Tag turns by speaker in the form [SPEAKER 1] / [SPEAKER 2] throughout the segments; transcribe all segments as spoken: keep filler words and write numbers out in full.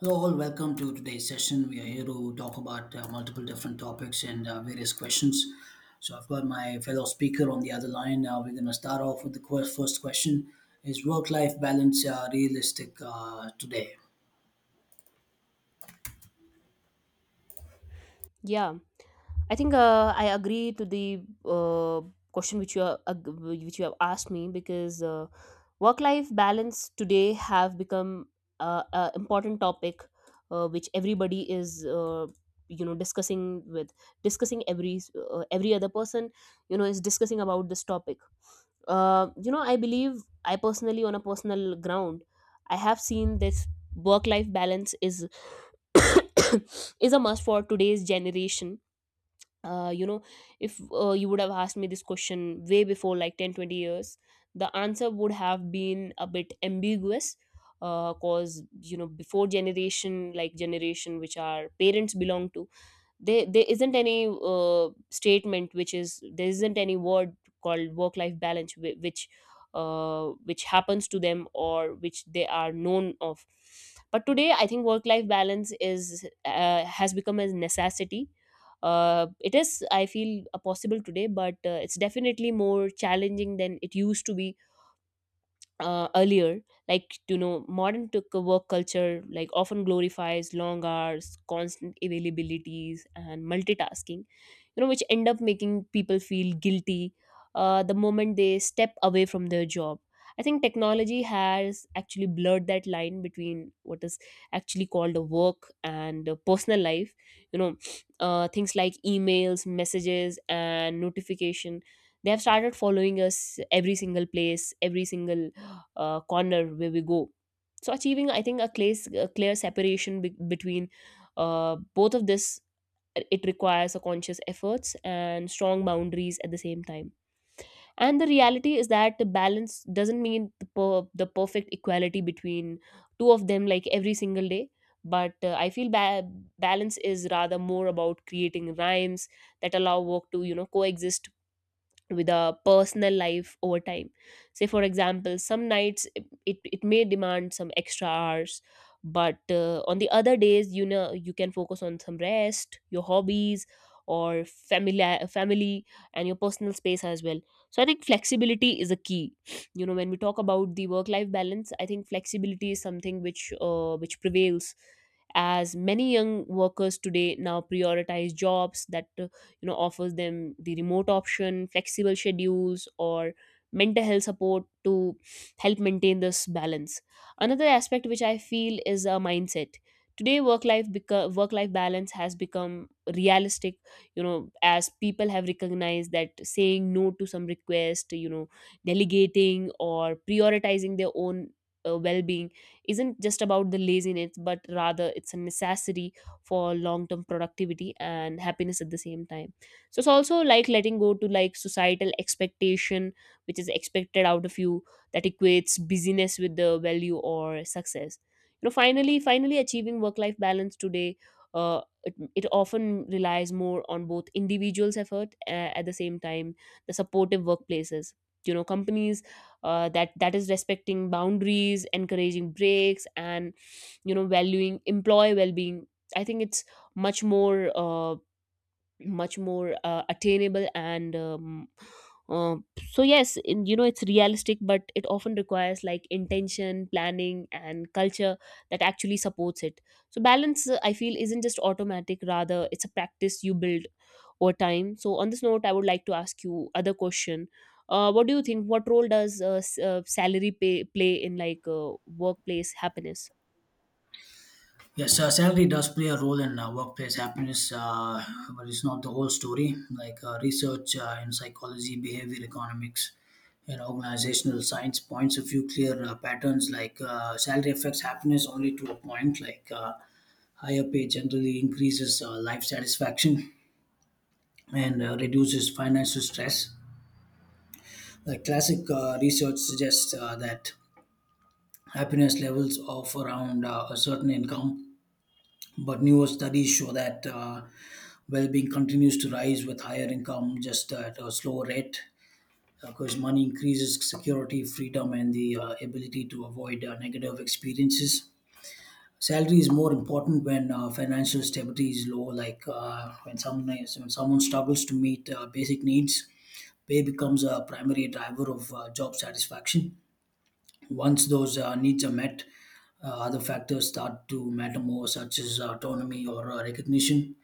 [SPEAKER 1] Hello, all. Welcome to today's session. We are here to talk about uh, multiple different topics and uh, various questions. So, I've got my fellow speaker on the other line. Uh, we're going to start off with the quest- first question. Is work life balance uh, realistic uh, today?
[SPEAKER 2] Yeah, I think uh, I agree to the uh, question which you are, ag- which you have asked me, because uh, work-life balance today have become uh, an important topic uh, which everybody is uh, you know discussing with discussing every uh, every other person, you know is discussing about this topic. Uh, you know, I believe, I personally, on a personal ground, I have seen this work-life balance is is a must for today's generation. uh, you know if uh, you would have asked me this question way before, like, ten, twenty years, the answer would have been a bit ambiguous, because you know before generation, like generation which our parents belong to, there, there isn't any uh, statement which is, there isn't any word called work life balance, whi- which uh, which happens to them or which they are known of. But today I think work life balance is uh, has become a necessity. Uh, it is, I feel, uh, possible today, but uh, it's definitely more challenging than it used to be, uh, earlier. Like, you know modern took work culture, like, often glorifies long hours, constant availabilities, and multitasking, you know which end up making people feel guilty uh, the moment they step away from their job. I think technology has actually blurred that line between what is actually called a work and a personal life, you know uh, things like emails, messages, and notification, they have started following us every single place, every single uh, corner where we go. So achieving, I think, a, clear a clear separation be- between uh, both of this, it requires a conscious efforts and strong boundaries at the same time. And the reality is that the balance doesn't mean the, per- the perfect equality between two of them, like every single day. But uh, I feel, ba- balance is rather more about creating rhymes that allow work to, you know coexist with a personal life over time. Say, for example, some nights it, it, it may demand some extra hours, but uh, on the other days, you know you can focus on some rest, your hobbies, or family family, and your personal space as well. So I think flexibility is a key. you know when we talk about the work life balance, I think flexibility is something which uh, which prevails, as many young workers today now prioritize jobs that uh, you know offers them the remote option, flexible schedules, or mental health support to help maintain this balance. Another aspect which I feel is a mindset. Today, work life beca- work life balance has become realistic, you know as people have recognized that saying no to some request, you know delegating or prioritizing their own uh, well-being isn't just about the laziness, but rather it's a necessity for long-term productivity and happiness at the same time. So it's also like letting go to, like, societal expectation which is expected out of you, that equates busyness with the value or success. You know finally finally achieving work life balance today, uh, it, it often relies more on both individuals effort, uh, at the same time, the supportive workplaces, you know companies, uh, that that is respecting boundaries, encouraging breaks, and you know valuing employee well-being, I think it's much more uh, much more uh, attainable, and um, uh, so yes, in, you know it's realistic, but it often requires like intention, planning, and culture that actually supports it. So balance, uh, I feel, isn't just automatic, rather it's a practice you build over time. So on this note, I would like to ask you other question. uh, what do you think, what role does uh, s- uh, salary pay play in, like, uh, workplace happiness?
[SPEAKER 1] Yes, uh, salary does play a role in uh, workplace happiness, uh, but it's not the whole story. Like uh, research uh, in psychology, behavior economics, and organizational science points a few clear uh, patterns. Like uh, salary affects happiness only to a point. Like uh, Higher pay generally increases uh, life satisfaction and uh, reduces financial stress. The classic uh, research suggests uh, that happiness levels of around uh, a certain income, but newer studies show that uh, well being continues to rise with higher income just at a slower rate. Because money increases security, freedom, and the uh, ability to avoid uh, negative experiences. Salary is more important when uh, financial stability is low, like uh, when someone is, when someone struggles to meet uh, basic needs, pay becomes a primary driver of uh, job satisfaction. Once those uh, needs are met, uh, other factors start to matter more, such as autonomy or uh, recognition.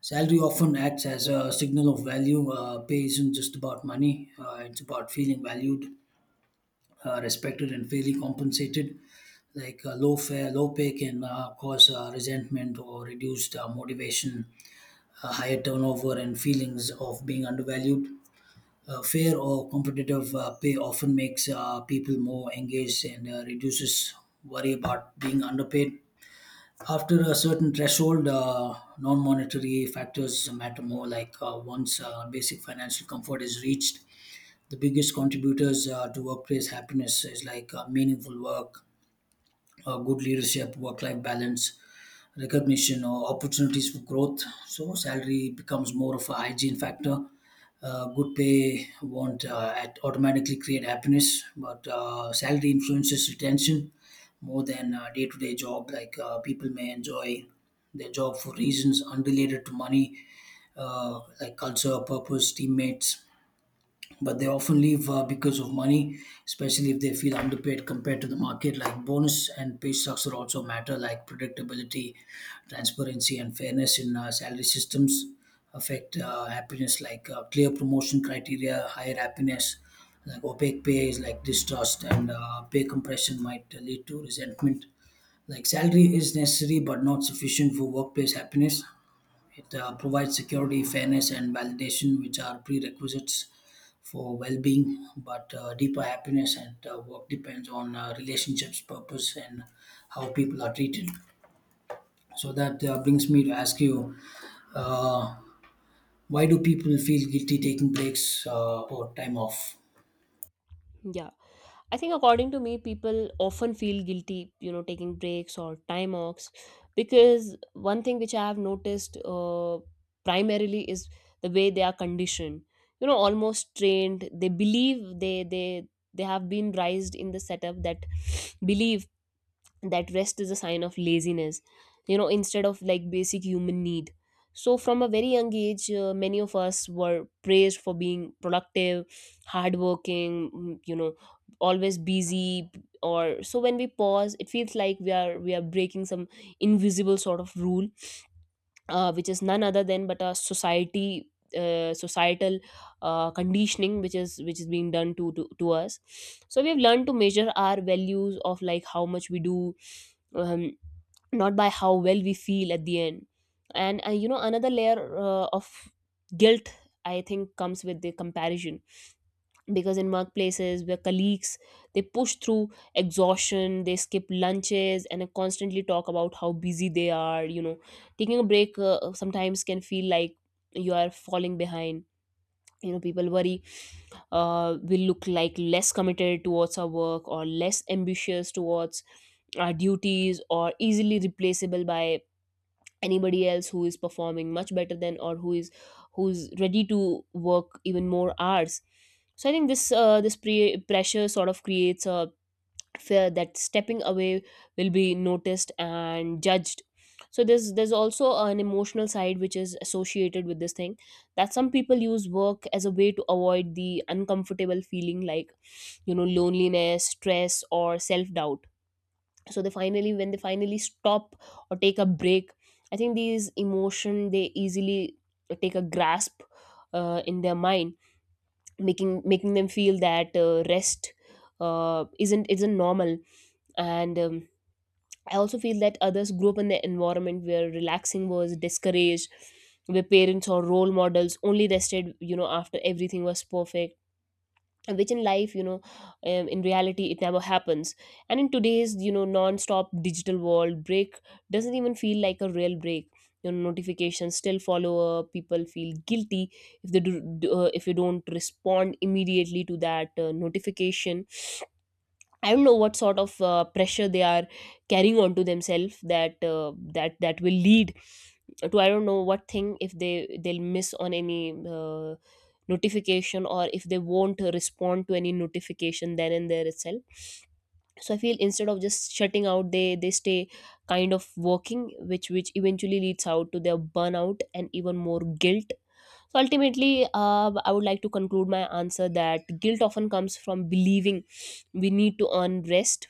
[SPEAKER 1] Salary often acts as a signal of value. Uh, pay isn't just about money, uh, it's about feeling valued, uh, respected and fairly compensated. Like uh, low fare, low pay can uh, cause uh, resentment or reduced uh, motivation, uh, higher turnover, and feelings of being undervalued. Uh, fair or competitive uh, pay often makes uh, people more engaged and uh, reduces worry about being underpaid. After a certain threshold, uh, non monetary factors matter more, like uh, once uh, basic financial comfort is reached, the biggest contributors uh, to workplace happiness is like uh, meaningful work, uh, good leadership, work life balance, recognition, or opportunities for growth. So, salary becomes more of a hygiene factor. Uh, good pay won't uh, at automatically create happiness, but uh, salary influences retention more than day to day job. Like uh, people may enjoy their job for reasons unrelated to money, uh, like culture, purpose, teammates, but they often leave uh, because of money, especially if they feel underpaid compared to the market. Like bonus and pay structure also matter, like predictability, transparency, and fairness in uh, salary systems affect uh, happiness, like uh, clear promotion criteria, higher happiness. Like opaque pay is like distrust, and uh, pay compression might lead to resentment. Like salary is necessary but not sufficient for workplace happiness. It uh, provides security, fairness, and validation, which are prerequisites for well-being, but uh, deeper happiness and uh, work depends on uh, relationships, purpose, and how people are treated. So that uh, brings me to ask you, uh, why do people feel guilty taking breaks uh, or time off?
[SPEAKER 2] Yeah. I think, according to me, people often feel guilty, you know, taking breaks or time offs, because one thing which I have noticed uh, primarily is the way they are conditioned, you know, almost trained. They believe they they they have been raised in the setup that believe that rest is a sign of laziness, you know instead of, like, basic human need. So from a very young age, uh, many of us were praised for being productive, hardworking, mm, you know always busy, or so, when we pause, it feels like we are we are breaking some invisible sort of rule, uh, which is none other than but a society uh, societal uh, conditioning which is which is being done to, to to us. So we have learned to measure our values of, like, how much we do, um, not by how well we feel at the end. And uh, you know another layer uh, of guilt, I think, comes with the comparison. Because in workplaces where colleagues, they push through exhaustion, they skip lunches, and uh, constantly talk about how busy they are, you know taking a break uh, sometimes can feel like you are falling behind. you know people worry, uh, we look like less committed towards our work, or less ambitious towards our duties, or easily replaceable by anybody else who is performing much better than, or who is who's ready to work even more hours. So I think this uh, this pre- pressure sort of creates a fear that stepping away will be noticed and judged. So there's there's also an emotional side which is associated with this thing, that some people use work as a way to avoid the uncomfortable feeling like, you know loneliness, stress, or self doubt. So they finally when they finally stop or take a break, I think these emotion, they easily take a grasp uh, in their mind, making making them feel that uh, rest uh, isn't isn't normal, and um, I also feel that others grew up in the environment where relaxing was discouraged, where parents or role models only rested, you know after everything was perfect, which in life, you know um, in reality, it never happens. And in today's, you know non-stop digital world, break doesn't even feel like a real break. Your notifications still follow up, people feel guilty if they do, do- uh, if you don't respond immediately to that uh, notification. I don't know what sort of uh, pressure they are carrying on to themselves, that uh, that that will lead to, I don't know what thing, if they they'll miss on any uh, notification, or if they won't respond to any notification then and there itself. So I feel instead of just shutting out, they they stay kind of working, which which eventually leads out to their burnout and even more guilt. So ultimately, uh, I would like to conclude my answer that guilt often comes from believing we need to earn rest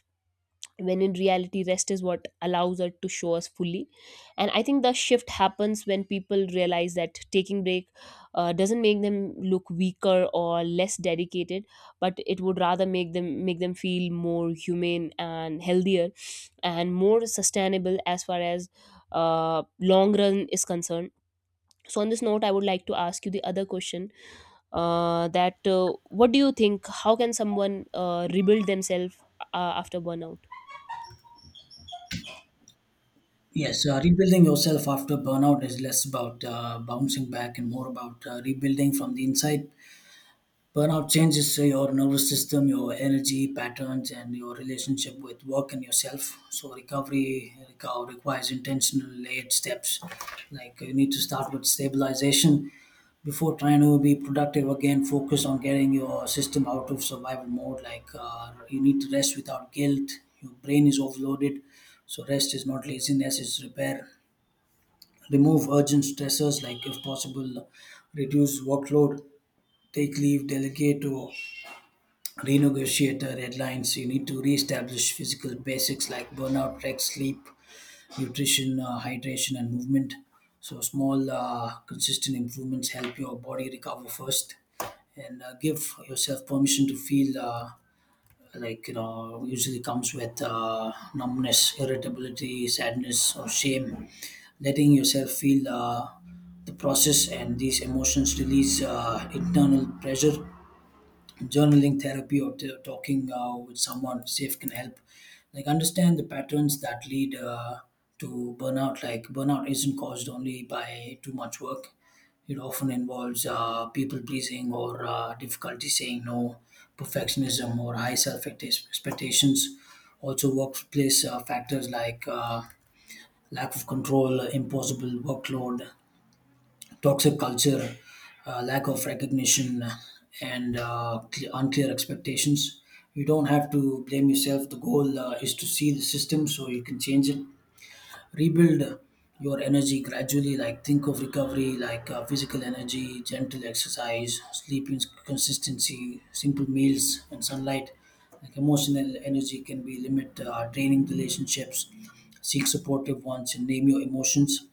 [SPEAKER 2] when in reality rest is what allows us to show us fully, and I think the shift happens when people realize that taking break uh, doesn't make them look weaker or less dedicated, but it would rather make them make them feel more humane and healthier and more sustainable as far as uh, long run is concerned. So on this note, I would like to ask you the other question, uh, that uh, what do you think, how can someone uh, rebuild themselves uh, after burnout?
[SPEAKER 1] Yes, uh, rebuilding yourself after burnout is less about uh, bouncing back and more about uh, rebuilding from the inside. Burnout changes uh, your nervous system, your energy patterns, and your relationship with work and yourself. So recovery reco- requires intentional, layered steps. Like, you need to start with stabilization before trying to be productive again. Focus on getting your system out of survival mode. Like uh, you need to rest without guilt. Your brain is overloaded, so rest is not laziness; it's repair. Remove urgent stressors, like if possible, reduce workload, take leave, delegate, or renegotiate the deadlines. You need to reestablish physical basics like burnout, rest, sleep, nutrition, uh, hydration, and movement. So small, uh, consistent improvements help your body recover first, and uh, give yourself permission to feel. Uh, like, you know, usually comes with uh, numbness, irritability, sadness, or shame. Letting yourself feel uh, the process and these emotions release uh, internal pressure, journaling, therapy, or t- talking uh, with someone safe can help like understand the patterns that lead uh, to burnout. Like burnout isn't caused only by too much work. It often involves uh, people pleasing or uh, difficulty saying no, perfectionism or high self expectations, also workplace uh, factors like uh, lack of control, impossible workload, toxic culture, uh, lack of recognition, and uh, cle unclear expectations. You don't have to blame yourself. The goal uh, is to see the system so you can change it. Rebuild your energy gradually. Like, think of recovery, like uh, physical energy, gentle exercise, sleeping consistency, simple meals, and sunlight. Like emotional energy can be limit uh, draining relationships. Seek supportive ones and name your emotions,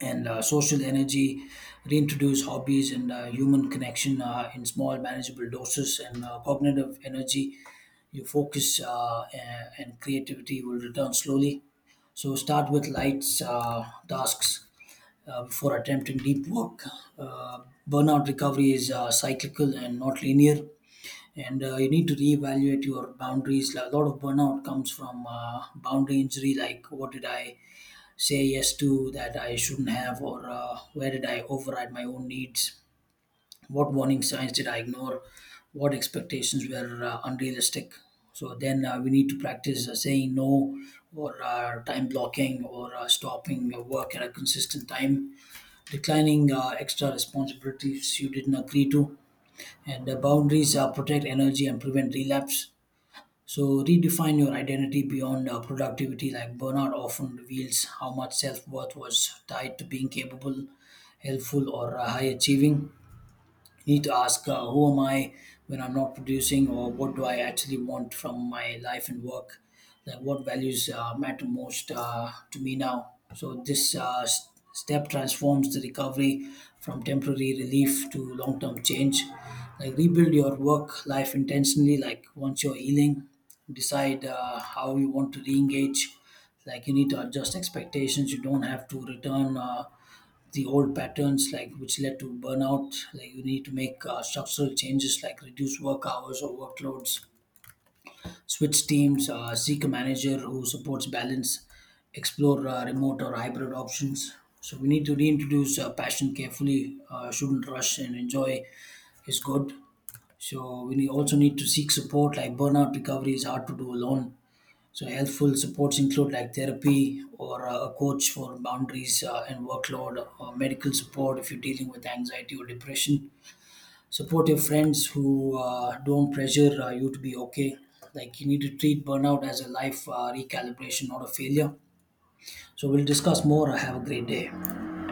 [SPEAKER 1] and uh, social energy, reintroduce hobbies and uh, human connection uh, in small, manageable doses, and uh, cognitive energy. Your focus uh, a- and creativity will return slowly. So start with light uh, tasks uh, before attempting deep work. Uh, Burnout recovery is uh, cyclical and not linear, and uh, you need to reevaluate your boundaries. A lot of burnout comes from uh, boundary injury, like, what did I say yes to that I shouldn't have, or uh, where did I override my own needs? What warning signs did I ignore? What expectations were uh, unrealistic? So then uh, we need to practice uh, saying no, or uh, time blocking, or uh, stopping uh, work at a consistent time, declining uh, extra responsibilities you didn't agree to, and uh, boundaries uh, protect energy and prevent relapse. So redefine your identity beyond uh, productivity. Like burnout often reveals how much self worth was tied to being capable, helpful, or uh, high achieving. You need to ask, uh, who am I when I'm not producing, or what do I actually want from my life and work? Like, what values uh, matter most uh, to me now? So this uh, s- step transforms the recovery from temporary relief to long-term change. Like, rebuild your work life intentionally. Like, once you're healing, decide uh, how you want to re-engage. Like you need to adjust expectations. You don't have to return. Uh, the old patterns, like which led to burnout, like you need to make uh, structural changes, like reduce work hours or workloads, switch teams, uh, seek a manager who supports balance, explore uh, remote or hybrid options. So we need to reintroduce uh, passion carefully, uh, shouldn't rush, and enjoy is good. So we need, also need to seek support, like burnout recovery is hard to do alone. So helpful supports include, like therapy or uh, a coach for boundaries uh, and workload, or medical support if you're dealing with anxiety or depression. Support your friends who uh, don't pressure uh, you to be okay. Like you need to treat burnout as a life uh, recalibration, not a failure. So we'll discuss more. Have a great day.